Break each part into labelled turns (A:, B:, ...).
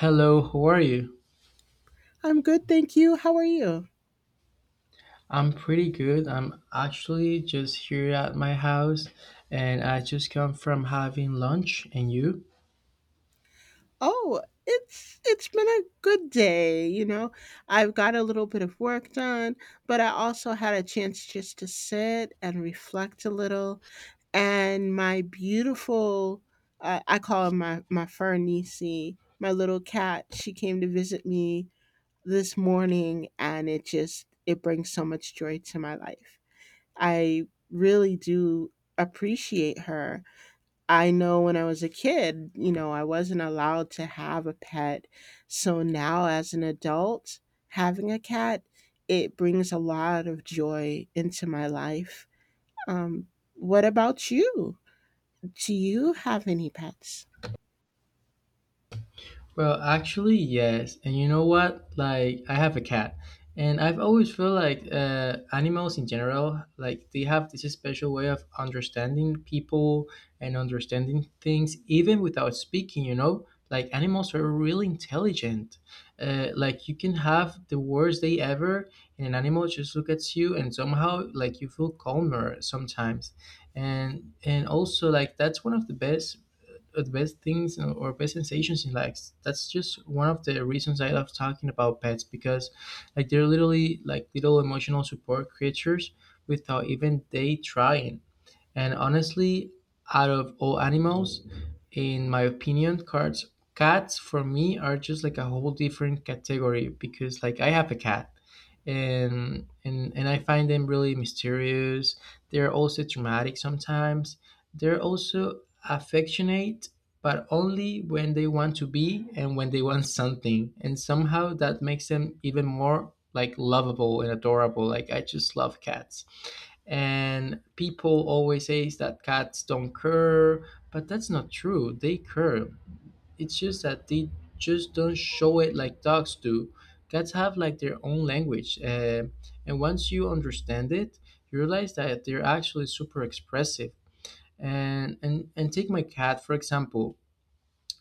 A: Hello, how are you?
B: I'm good, thank you. How are you?
A: I'm pretty good. I'm actually just here at my house, and I just come from having lunch. And you?
B: Oh, it's been a good day. I've got a little bit of work done, but I also had a chance just to sit and reflect a little. And my beautiful, I call her my fur niecey, my little cat. She came to visit me this morning, and it brings so much joy to my life. I really do appreciate her. I know when I was a kid, I wasn't allowed to have a pet. So now, as an adult, having a cat, it brings a lot of joy into my life. Um, what about you? Do you have any pets?
A: Well, actually, yes. And you know what? Like, I have a cat, and I've always felt like animals in general, like they have this special way of understanding people and understanding things, even without speaking. You know, like animals are really intelligent. Like you can have the worst day ever, and an animal just look at you, and somehow like you feel calmer sometimes. And also like that's one of the best things, you know, or best sensations in life. That's just one of the reasons I love talking about pets because like they're literally like little emotional support creatures without even they trying. And honestly, out of all animals, in my opinion, cats for me are just like a whole different category because like I have a cat, and I find them really mysterious. They're also dramatic sometimes. They're also affectionate, but only when they want to be and when they want something. And somehow that makes them even more like lovable and adorable. Like I just love cats. And people always say that cats don't care, but that's not true. They care. It's just that they just don't show it like dogs do. Cats have like their own language, and once you understand it, you realize that they're actually super expressive. And take my cat for example.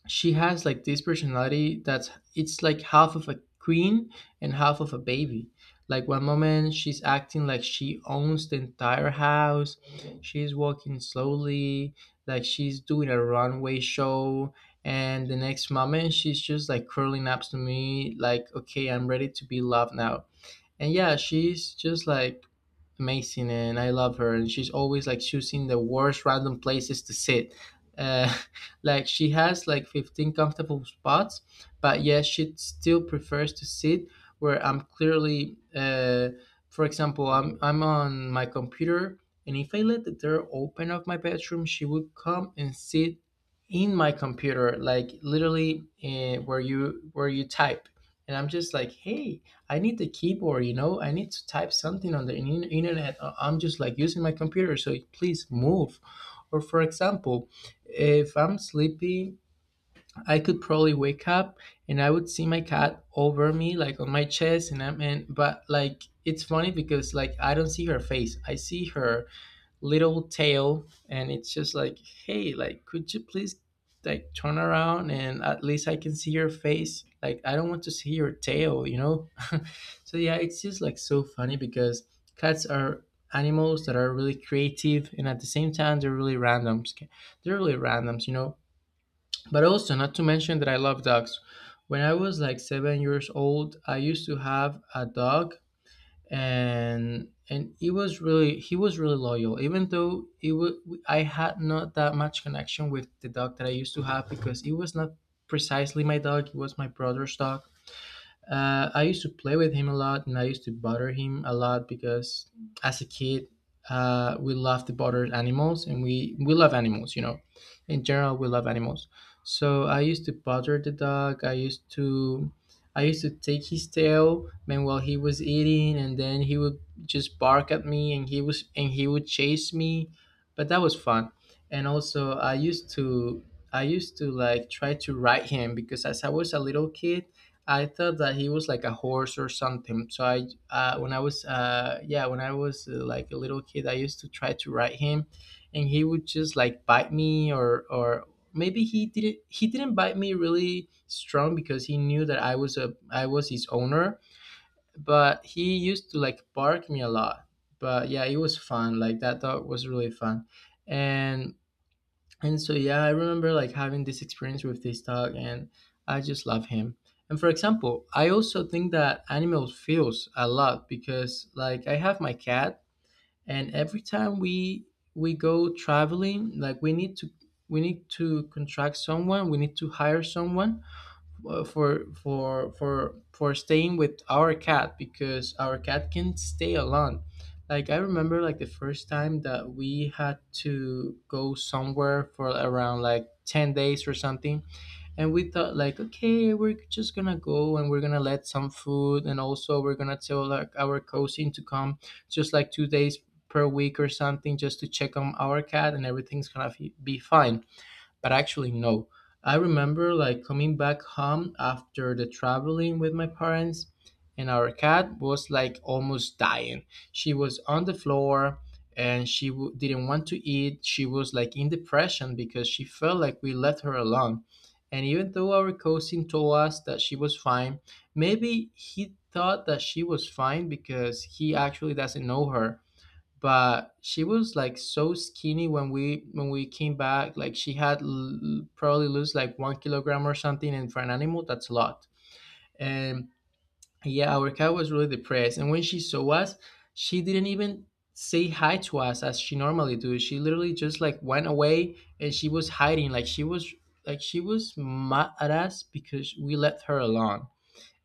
A: She has like this personality that's it's like half of a queen and half of a baby. Like one moment she's acting like she owns the entire house. She's walking slowly, like she's doing a runway show, and the next moment she's just like curling up to me like, okay, I'm ready to be loved now. And yeah, she's just like amazing, and I love her. And she's always like choosing the worst random places to sit. uh, like she has like 15 comfortable spots, but yes, she still prefers to sit where I'm clearly for example, I'm on my computer, and if I let the door open of my bedroom, she would come and sit in my computer, like literally, where you type. And I'm just like, hey, I need the keyboard, you know. I need to type something on the internet. I'm just like using my computer, so please move. Or for example, if I'm sleepy, I could probably wake up and I would see my cat over me, like on my chest, and but like it's funny because like I don't see her face. I see her little tail, and it's just like, hey, like could you please like turn around, and at least I can see your face. Like I don't want to see your tail, you know. So yeah, it's just like so funny because cats are animals that are really creative, and at the same time they're really randoms. They're really randoms. You know, but also not to mention that I love dogs. When I was like 7 years old, I used to have a dog. And it was really he was really loyal, even though it was I had not that much connection with the dog that I used to have because it was not precisely my dog. It was my brother's dog. I used to play with him a lot, and I used to bother him a lot because as a kid, we love to bother animals, and we love animals. You know, in general, we love animals. So I used to bother the dog. I used to. I used to take his tail, man, while he was eating, and then he would just bark at me. And he would chase me, but that was fun. And also I used to like try to ride him, because as I was a little kid, I thought that he was like a horse or something. So I, when I was, when I was like a little kid, I used to try to ride him, and he would just like bite me, or maybe he didn't. He didn't bite me really strong because he knew that I was his owner. But he used to like bark me a lot. But yeah, it was fun. Like that dog was really fun, and yeah, I remember like having this experience with this dog, and I just love him. And for example, I also think that animals feels a lot because like I have my cat, and every time we go traveling, like we need to contract someone, we need to hire someone, for staying with our cat because our cat can stay alone. Like I remember like the first time that we had to go somewhere for around like 10 days or something, and we thought like, okay, we're just gonna go and we're gonna let some food, and also we're gonna tell like our cousin to come just like 2 days per week or something, just to check on our cat, and everything's gonna be fine. But actually, no. I remember like coming back home after the traveling with my parents, and our cat was like almost dying. She was on the floor, and she didn't want to eat. She was like in depression because she felt like we left her alone. And even though our cousin told us that she was fine, maybe he thought that she was fine because he actually doesn't know her, but she was like so skinny when we came back. Like she had probably lose like 1 kilogram or something, and for an animal that's a lot. And yeah, our cat was really depressed, and when she saw us, she didn't even say hi to us as she normally do. She literally just like went away, and she was hiding. Like she was like she was mad at us because we left her alone.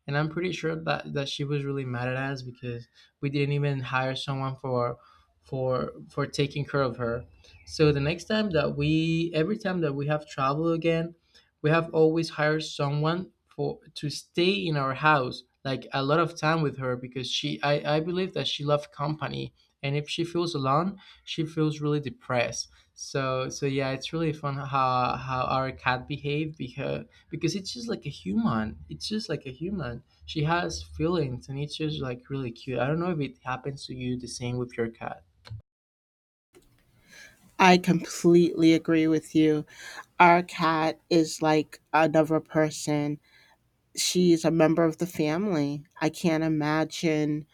A: And I'm pretty sure that she was really mad at us because we didn't even hire someone for taking care of her. So the next time that we every time that we have travel again, we have always hired someone for to stay in our house like a lot of time with her because she I believe that she loved company, and if she feels alone, she feels really depressed. So yeah, it's really fun how our cat behaved because it's just like a human. It's just like a human. She has feelings, and it's just like really cute. I don't know if it happens to you the same with your cat.
B: I completely agree with you. Our cat is like another person. She's a member of the family. I can't imagine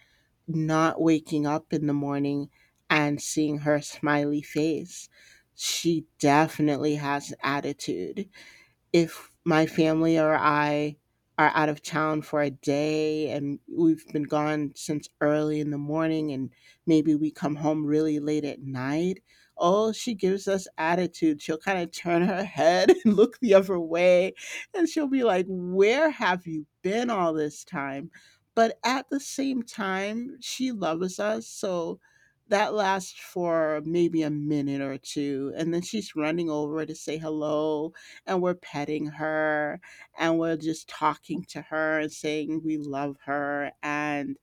B: not waking up in the morning and seeing her smiley face. She definitely has attitude if my family or I are out of town for a day and we've been gone since early in the morning and maybe we come home really late at night. Oh, she gives us attitude. She'll kind of turn her head and look the other way, and she'll be like, "Where have you been all this time?" But at the same time, she loves us. So that lasts for maybe a minute or two. And then she's running over to say hello, and we're petting her, and we're just talking to her and saying we love her, and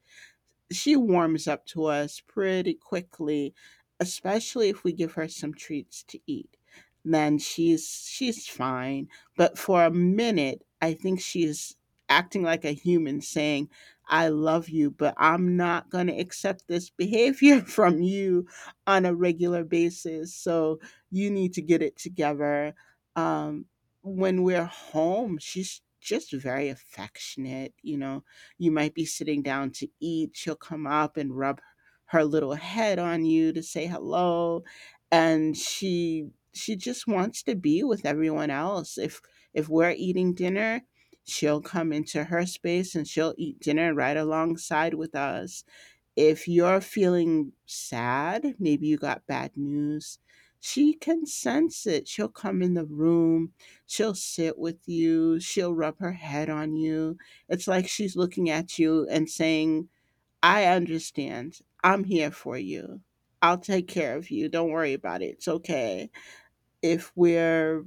B: she warms up to us pretty quickly, especially if we give her some treats to eat. Then she's fine. But for a minute, I think she's acting like a human saying, "I love you, but I'm not gonna accept this behavior from you on a regular basis. So you need to get it together." Um when we're home, she's just very affectionate. You might be sitting down to eat. She'll come up and rub her little head on you to say hello. And she just wants to be with everyone else. If we're eating dinner, she'll come into her space and she'll eat dinner right alongside with us. If you're feeling sad, maybe you got bad news, she can sense it. She'll come in the room, she'll sit with you, she'll rub her head on you. It's like she's looking at you and saying, "I understand. I'm here for you. I'll take care of you. Don't worry about it. It's okay." If we're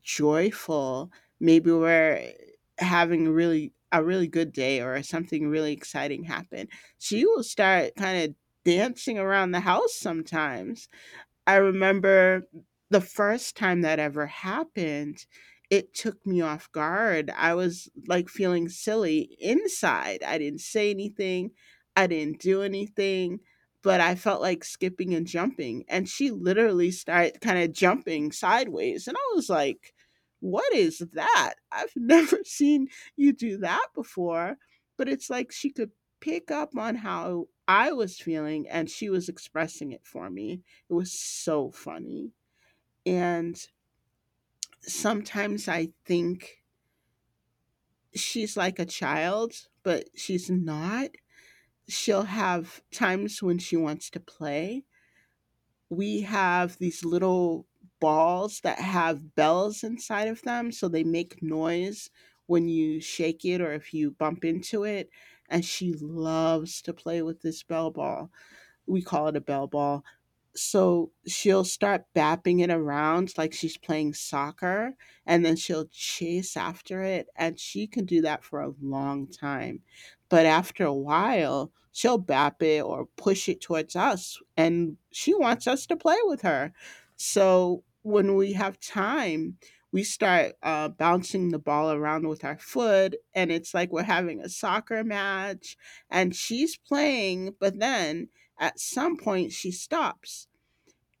B: joyful, maybe we're having really a really good day or something really exciting happened, she will start kind of dancing around the house sometimes. I remember the first time that ever happened, it took me off guard. I was like feeling silly inside. I didn't say anything, I didn't do anything, but I felt like skipping and jumping. And she literally started kind of jumping sideways. And I was like, "What is that? I've never seen you do that before." But it's like she could pick up on how I was feeling, and she was expressing it for me. It was so funny. And sometimes I think she's like a child, but she's not. She'll have times when she wants to play. We have these little balls that have bells inside of them, so they make noise when you shake it or if you bump into it. And she loves to play with this bell ball. We call it a bell ball. So she'll start bapping it around like she's playing soccer, and then she'll chase after it. And she can do that for a long time. But after a while, she'll bap it or push it towards us, and she wants us to play with her. So when we have time, we start bouncing the ball around with our foot, and it's like we're having a soccer match and she's playing, but then at some point she stops.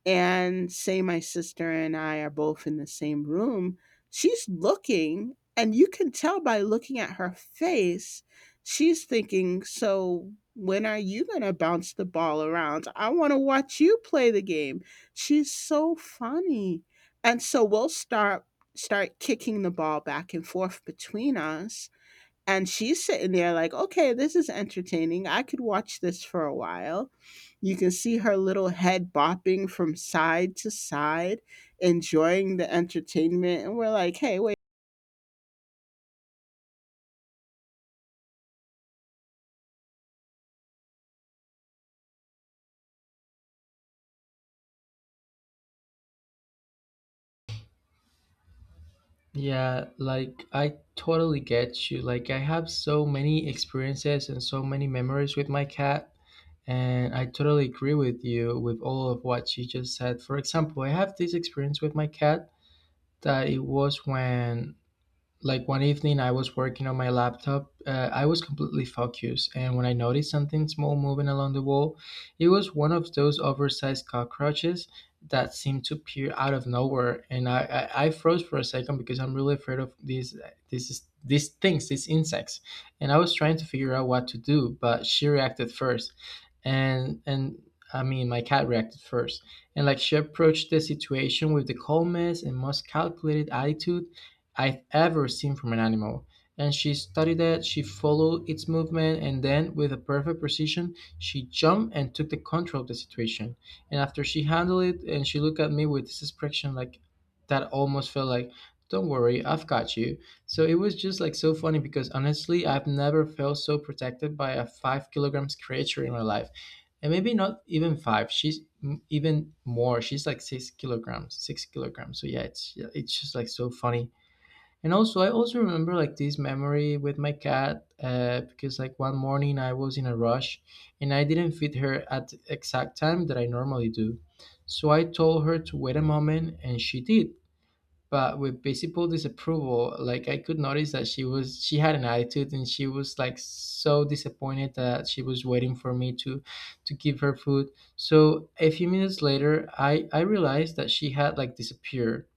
B: And say my sister and I are both in the same room, she's looking, and you can tell by looking at her face she's thinking, "So when are you going to bounce the ball around? I want to watch you play the game." She's so funny. And so we'll start kicking the ball back and forth between us, and she's sitting there like, "Okay, this is entertaining. I could watch this for a while." You can see her little head bopping from side to side, enjoying the entertainment. And we're like, "Hey, wait."
A: Yeah, like I totally get you. Like I have so many experiences and so many memories with my cat, and I totally agree with you with all of what you just said. For example, I have this experience with my cat that it was when like one evening I was working on my laptop. I was completely focused, and when I noticed something small moving along the wall, it was one of those oversized cockroaches that seemed to peer out of nowhere. And I froze for a second because I'm really afraid of these these things, these insects. And I was trying to figure out what to do, but she reacted first. And I mean, my cat reacted first. And like she approached the situation with the calmest and most calculated attitude I've ever seen from an animal. And she studied it, she followed its movement, and then, with a perfect precision, she jumped and took the control of the situation. And after she handled it, and she looked at me with this expression like that almost felt like, don't worry, I've got you. So it was just like so funny because honestly, I've never felt so protected by a 5 kilograms creature in my life. And maybe not even five. She's even more. She's like 6 kilograms, 6 kilograms. So yeah, it's just like so funny. And also, I also remember like this memory with my cat, because like one morning I was in a rush, and I didn't feed her at the exact time that I normally do. So I told her to wait a moment, and she did, but with visible disapproval. Like I could notice that she had an attitude, and she was like so disappointed that she was waiting for me to give her food. So a few minutes later, I realized that she had like disappeared.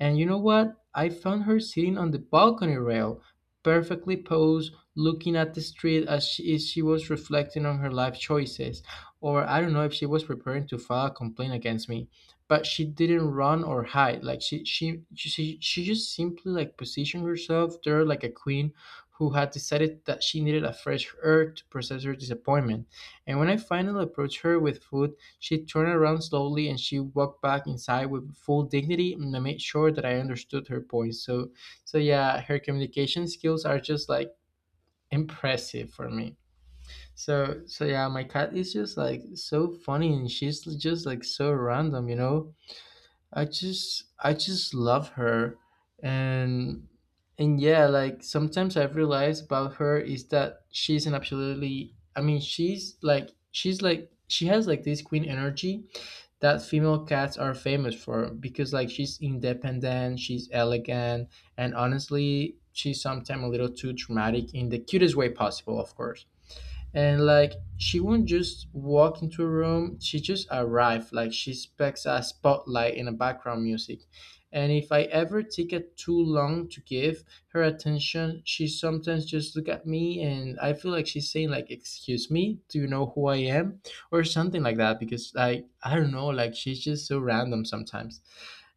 A: And you know what? I found her sitting on the balcony rail, perfectly posed, looking at the street as she was reflecting on her life choices. Or I don't know if she was preparing to file a complaint against me. But she didn't run or hide. Like she just simply like positioned herself there like a queen who had decided that she needed a fresh air to process her disappointment. And when I finally approached her with food she turned around slowly and she walked back inside with full dignity and I made sure that I understood her point. So yeah, her communication skills are just like impressive for me. So yeah, my cat is just like so funny and she's just like so random, you know? I just love her and and yeah, like sometimes I've realized about her is that she's an absolutely I mean she's like she has like this queen energy that female cats are famous for because like she's independent, she's elegant, and honestly, she's sometimes a little too dramatic in the cutest way possible, of course. And like she won't just walk into a room, she just arrived like she expects a spotlight and a background music. And if I ever take it too long to give her attention, she sometimes just look at me and I feel like she's saying like, excuse me, do you know who I am? Or something like that, because like I don't know, like she's just so random sometimes.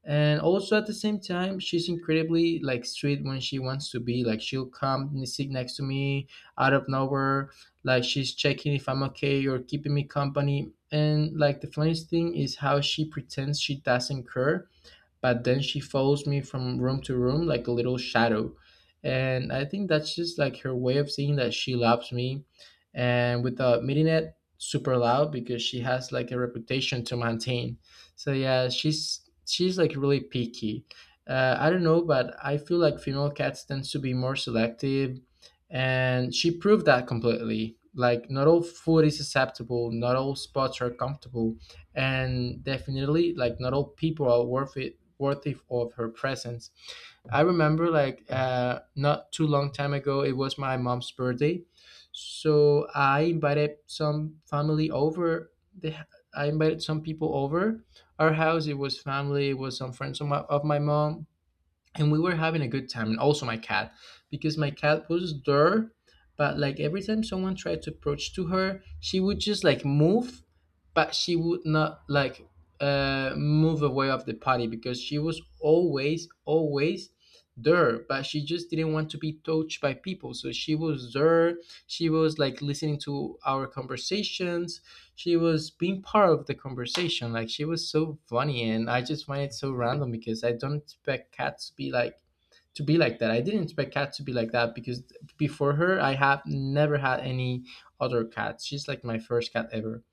A: And also at the same time she's incredibly like sweet when she wants to be, like she'll come and sit next to me out of nowhere, like she's checking if I'm okay or keeping me company. And like the funniest thing is how she pretends she doesn't care, but then she follows me from room to room like a little shadow. And I think that's just like her way of saying that she loves me and without meeting it super loud because she has like a reputation to maintain. So yeah, she's like really picky. I don't know, but I feel like female cats tends to be more selective and she proved that completely, like not all food is acceptable, not all spots are comfortable, and definitely like not all people are worth it, worthy of her presence. I remember like not too long time ago, it was my mom's birthday, so I invited some family over. I invited some people over our house. It was family. It was some friends of my mom and we were having a good time and also my cat because my cat was there, but like every time someone tried to approach to her she would just like move, but she would not like move away of the party because she was always there, but she just didn't want to be touched by people. So she was there, she was like listening to our conversations, she was being part of the conversation. Like she was so funny, and I just find it so random because I don't expect cats to be like that. I didn't expect cats to be like that because before her, I have never had any other cats. She's like my first cat ever,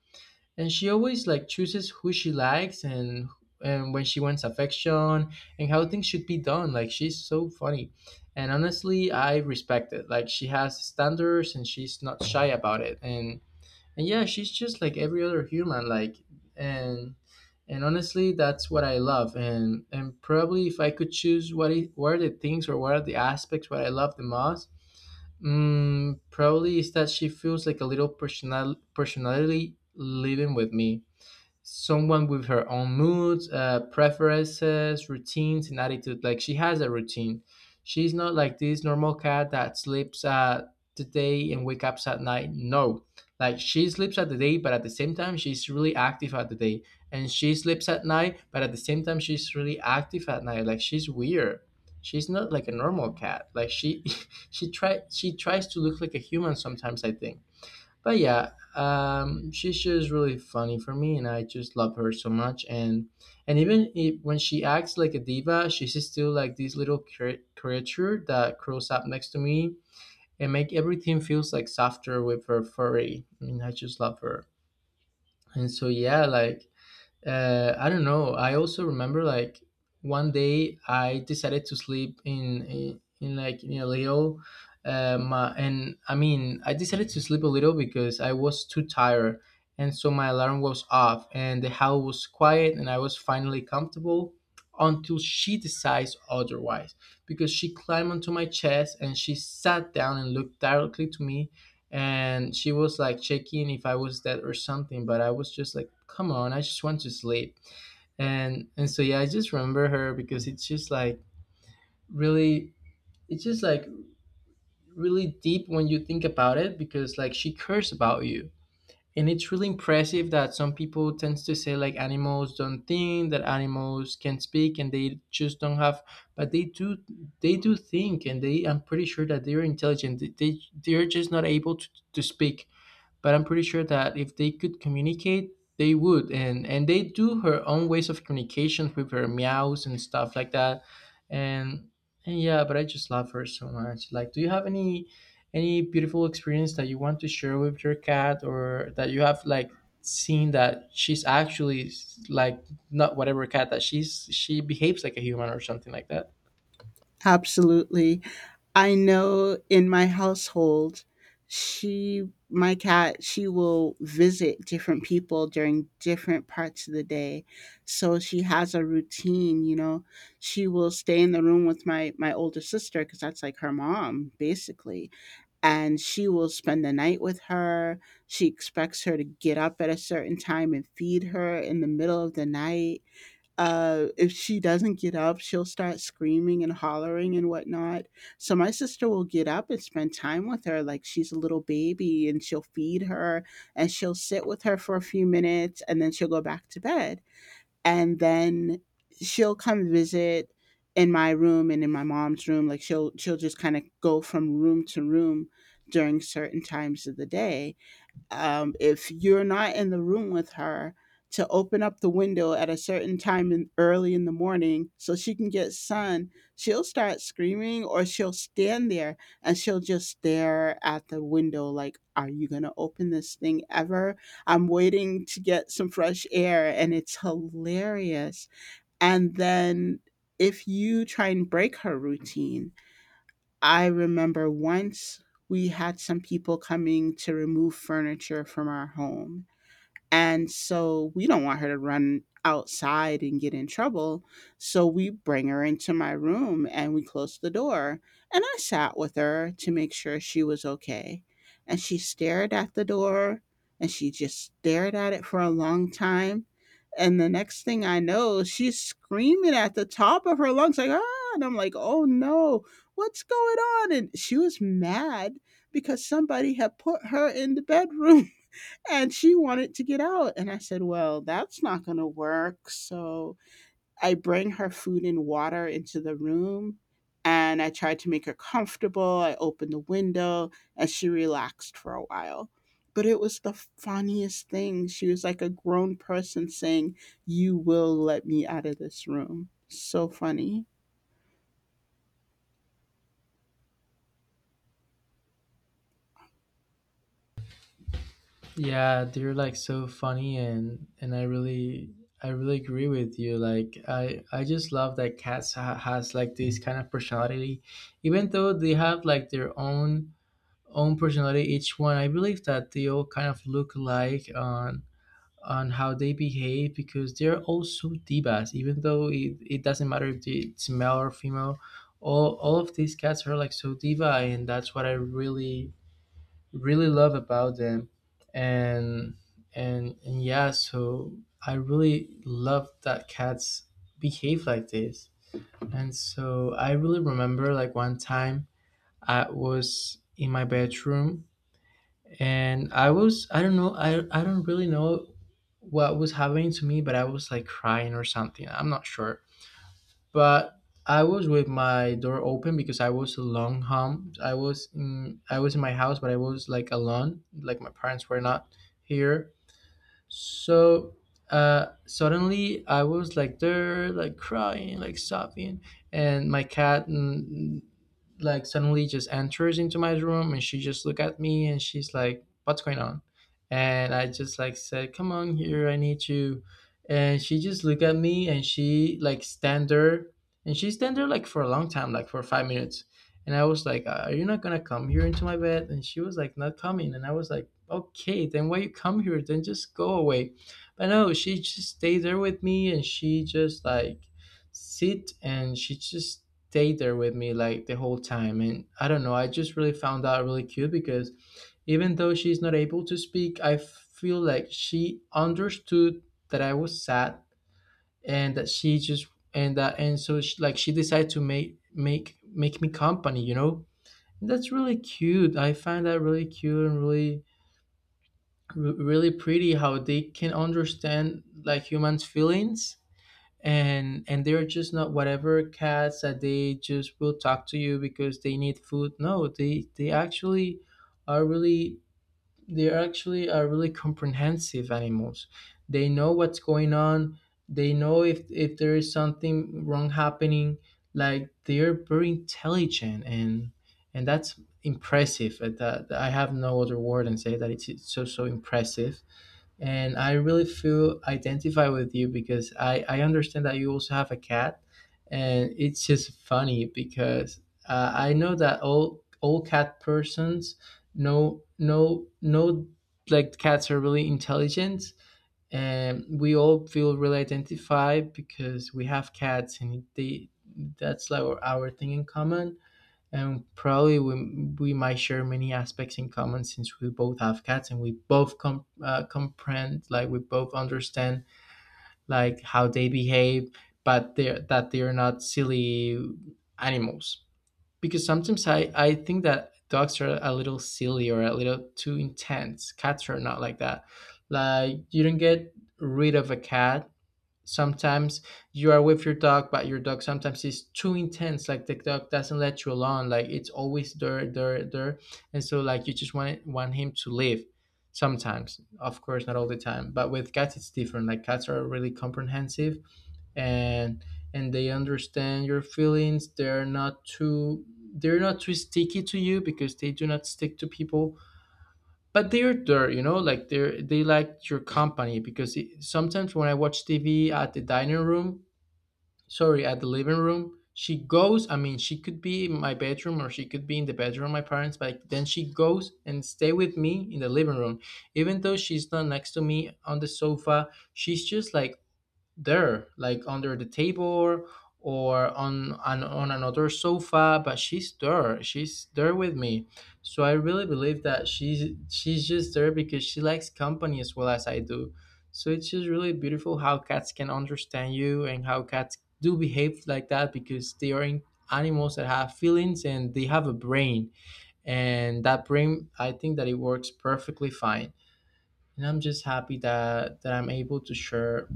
A: and she always like chooses who she likes and when she wants affection and how things should be done. Like she's so funny. And honestly, I respect it. Like she has standards and she's not shy about it. And yeah, she's just like every other human, like and and honestly that's what I love. And probably if I could choose what it, what are the things or what are the aspects what I love the most, probably is that she feels like a little personality living with me, someone with her own moods, preferences, routines, and attitude. Like she has a routine. She's not like this normal cat that sleeps at the day and wake up at night. No, like she sleeps at the day, but at the same time she's really active at the day, and she sleeps at night, but at the same time she's really active at night. Like she's weird. She's not like a normal cat. Like she, she tries to look like a human sometimes. I think. But yeah, she's just really funny for me, and I just love her so much. And even if, when she acts like a diva, she's still like this little creature that curls up next to me and make everything feels like softer with her furry. I mean, I just love her. And so yeah, like I don't know. I also remember like one day I decided to sleep in a little, my, and I mean I decided to sleep a little because I was too tired, and so my alarm was off, and the house was quiet, and I was finally comfortable until she decides otherwise, because she climbed onto my chest and she sat down and looked directly to me and she was like checking if I was dead or something, but I was just like, come on, I just want to sleep. And so yeah, I just remember her because it's just like really, it's just like really deep when you think about it because like she cares about you. And it's really impressive that some people tends to say like animals don't think, that animals can speak and they just don't have, but they do, they do think and they, I'm pretty sure that they're intelligent. They're just not able to speak, but I'm pretty sure that if they could communicate, they would. And they do her own ways of communication with her meows and stuff like that. And and yeah, but I just love her so much. Like, do you have any beautiful experience that you want to share with your cat, or that you have like seen that she's actually like not whatever cat that she behaves like a human or something like that?
B: Absolutely. I know in my household, she, my cat, she will visit different people during different parts of the day. So she has a routine, you know. She will stay in the room with my older sister because that's like her mom basically, and she will spend the night with her. She expects her to get up at a certain time and feed her in the middle of the night. If she doesn't get up, she'll start screaming and hollering and whatnot. So my sister will get up and spend time with her like she's a little baby, and she'll feed her, and she'll sit with her for a few minutes, and then she'll go back to bed. And then she'll come visit in my room and in my mom's room. Like she'll just kind of go from room to room during certain times of the day. If you're not in the room with her to open up the window at a certain time in early in the morning so she can get sun, she'll start screaming, or she'll stand there and she'll just stare at the window like, "Are you going to open this thing ever? I'm waiting to get some fresh air." And it's hilarious. And then if you try and break her routine, I remember once we had some people coming to remove furniture from our home. And so we don't want her to run outside and get in trouble. So we bring her into my room and we close the door. And I sat with her to make sure she was okay. And she stared at the door, and she just stared at it for a long time. And the next thing I know, she's screaming at the top of her lungs, like, ah, and I'm like, "Oh no, what's going on?" And she was mad because somebody had put her in the bedroom and she wanted to get out. And I said, well, that's not going to work. So I bring her food and water into the room, and I tried to make her comfortable. I opened the window and she relaxed for a while. But it was the funniest thing. She was like a grown person saying, "You will let me out of this room." So funny.
A: Yeah, they're like so funny and I really agree with you. Like I just love that cats has like this kind of personality, even though they have like their own personality each one. I believe that they all kind of look alike on how they behave because they're all so divas. Even though it doesn't matter if it's male or female, all of these cats are like so diva, and that's what I really love about them and and yeah. So I really love that cats behave like this, and so I really remember like one time I was in my bedroom and I was, I don't know, I don't really know what was happening to me, but I was like crying or something, I'm not sure. But I was with my door open because I was alone home. I was in my house, but I was like alone, like my parents were not here. So suddenly I was like there, like crying, like sobbing, and my cat like suddenly just enters into my room and she just look at me and she's like, "What's going on?" And I just like said, "Come on here, I need you." And she just look at me and she like stand there and she stand there like for a long time, like for 5 minutes. And I was like, "Are you not gonna come here into my bed?" And she was like, "Not coming." And I was like, okay, then why you come here? Then just go away. But no, she just stayed there with me and she just like sit and she just stayed there with me like the whole time. And I don't know, I just really found that really cute because even though she's not able to speak, I feel like she understood that I was sad and that she just and that and so she, like she decided to make me company, you know. And that's really cute. I find that really cute and really really pretty how they can understand like humans feelings and they're just not whatever cats that they just will talk to you because they need food. No, they they actually are really they are actually are really comprehensive animals. They know what's going on. They know if there is something wrong happening. Like they're very intelligent and that's impressive. That I have no other word and say that it's so so impressive. And I really feel identify with you because I understand that you also have a cat, and it's just funny because I know that all cat persons know like cats are really intelligent, and we all feel really identified because we have cats and they that's like our thing in common. And probably we might share many aspects in common since we both have cats and we both comprehend, like we both understand like how they behave, but they're that they're not silly animals. Because sometimes I think that dogs are a little silly or a little too intense. Cats are not like that. Like you don't get rid of a cat. Sometimes you are with your dog, but your dog sometimes is too intense. Like the dog doesn't let you alone. Like it's always there. And so like you just want him to leave sometimes. Of course not all the time, but with cats it's different. Like cats are really comprehensive, and and they understand your feelings. They're not too they're not too sticky to you because they do not stick to people, but they're there like they're they like your company. Because it, sometimes when I watch TV at the dining room, sorry, at the living room, she goes, I mean, she could be in my bedroom or she could be in the bedroom of my parents, but then she goes and stay with me in the living room. Even though she's not next to me on the sofa, she's just like there, like under the table or on another sofa, but she's there. She's there with me. So I really believe that she's just there because she likes company as well as I do. So it's just really beautiful how cats can understand you and how cats do behave like that, because they are in animals that have feelings and they have a brain, and that brain, I think that it works perfectly fine. And I'm just happy that I'm able to share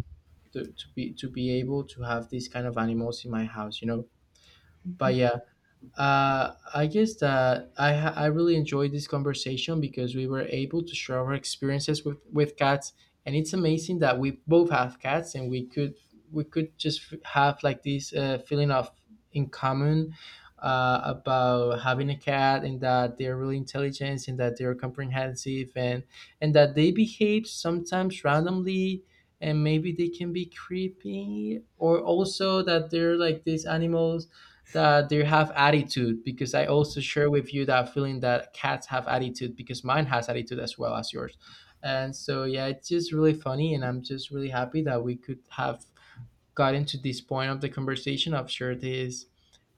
A: to be able to have these kind of animals in my house. But
B: Mhm.
A: yeah, I guess that I really enjoyed this conversation because we were able to share our experiences with cats, and it's amazing that we both have cats and we could just have like this feeling of in common, about having a cat and that they're really intelligent and that they're comprehensive and that they behave sometimes randomly, and maybe they can be creepy, or also that they're like these animals that they have attitude. Because I also share with you that feeling that cats have attitude, because mine has attitude as well as yours. And so yeah, it's just really funny, and I'm just really happy that we could have gotten to this point of the conversation of share this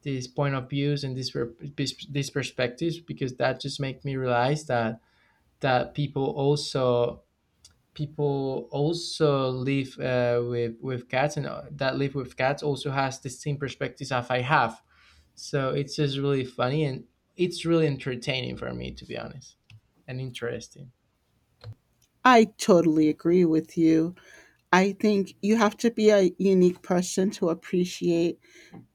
A: this point of views and this these perspectives, because that just make me realize that people also people also live with cats, and that live with cats also has the same perspectives as I have. So it's just really funny, and it's really entertaining for me to be honest, and interesting.
B: I totally agree with you. I think you have to be a unique person to appreciate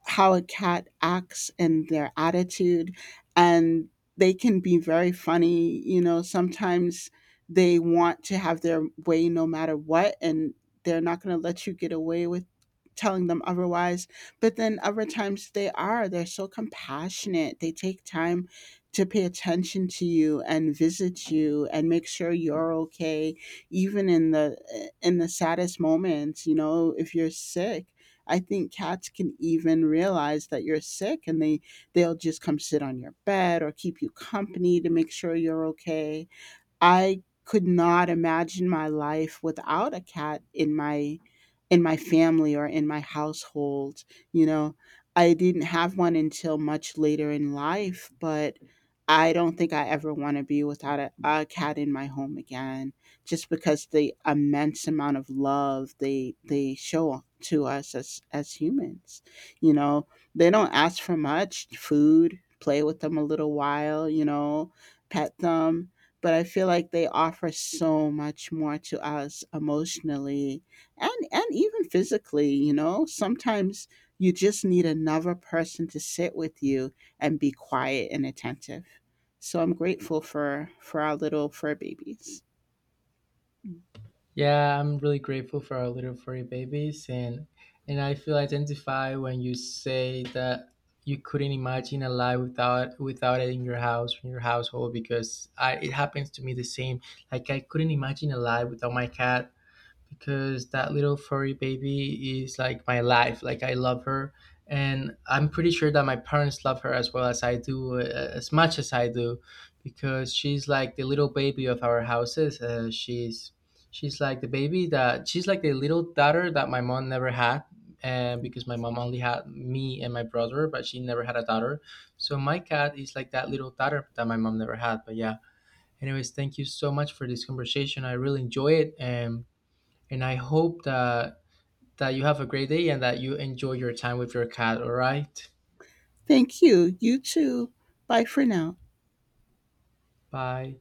B: how a cat acts and their attitude, and they can be very funny, you know. Sometimes they want to have their way no matter what, and they're not going to let you get away with telling them otherwise. But then other times they are, they're so compassionate, they take time to pay attention to you and visit you and make sure you're okay, even in the saddest moments, you know. If you're sick, I think cats can even realize that you're sick, and they they'll just come sit on your bed or keep you company to make sure you're okay. I could not imagine my life without a cat in my family or in my household, you know. I didn't have one until much later in life, but I don't think I ever want to be without a cat in my home again, just because the immense amount of love they show to us as humans. You know, they don't ask for much, food, play with them a little while, you know, pet them, but I feel like they offer so much more to us emotionally and even physically, you know. Sometimes you just need another person to sit with you and be quiet and attentive. So I'm grateful for our little fur babies.
A: Yeah, I'm really grateful for our little furry babies, and I feel identified when you say that you couldn't imagine a life without without it in your house in your household, because I it happens to me the same. Like I couldn't imagine a life without my cat, because that little furry baby is like my life. Like I love her, and I'm pretty sure that my parents love her as well as I do, as much as I do, because she's like the little baby of our houses. She's she's like the baby that she's like the little daughter that my mom never had. And because my mom only had me and my brother, but she never had a daughter. So my cat is like that little daughter that my mom never had. But yeah, anyways, thank you so much for this conversation. I really enjoy it. And I hope that you have a great day and that you enjoy your time with your cat. All right.
B: Thank you. You too. Bye for now.
A: Bye.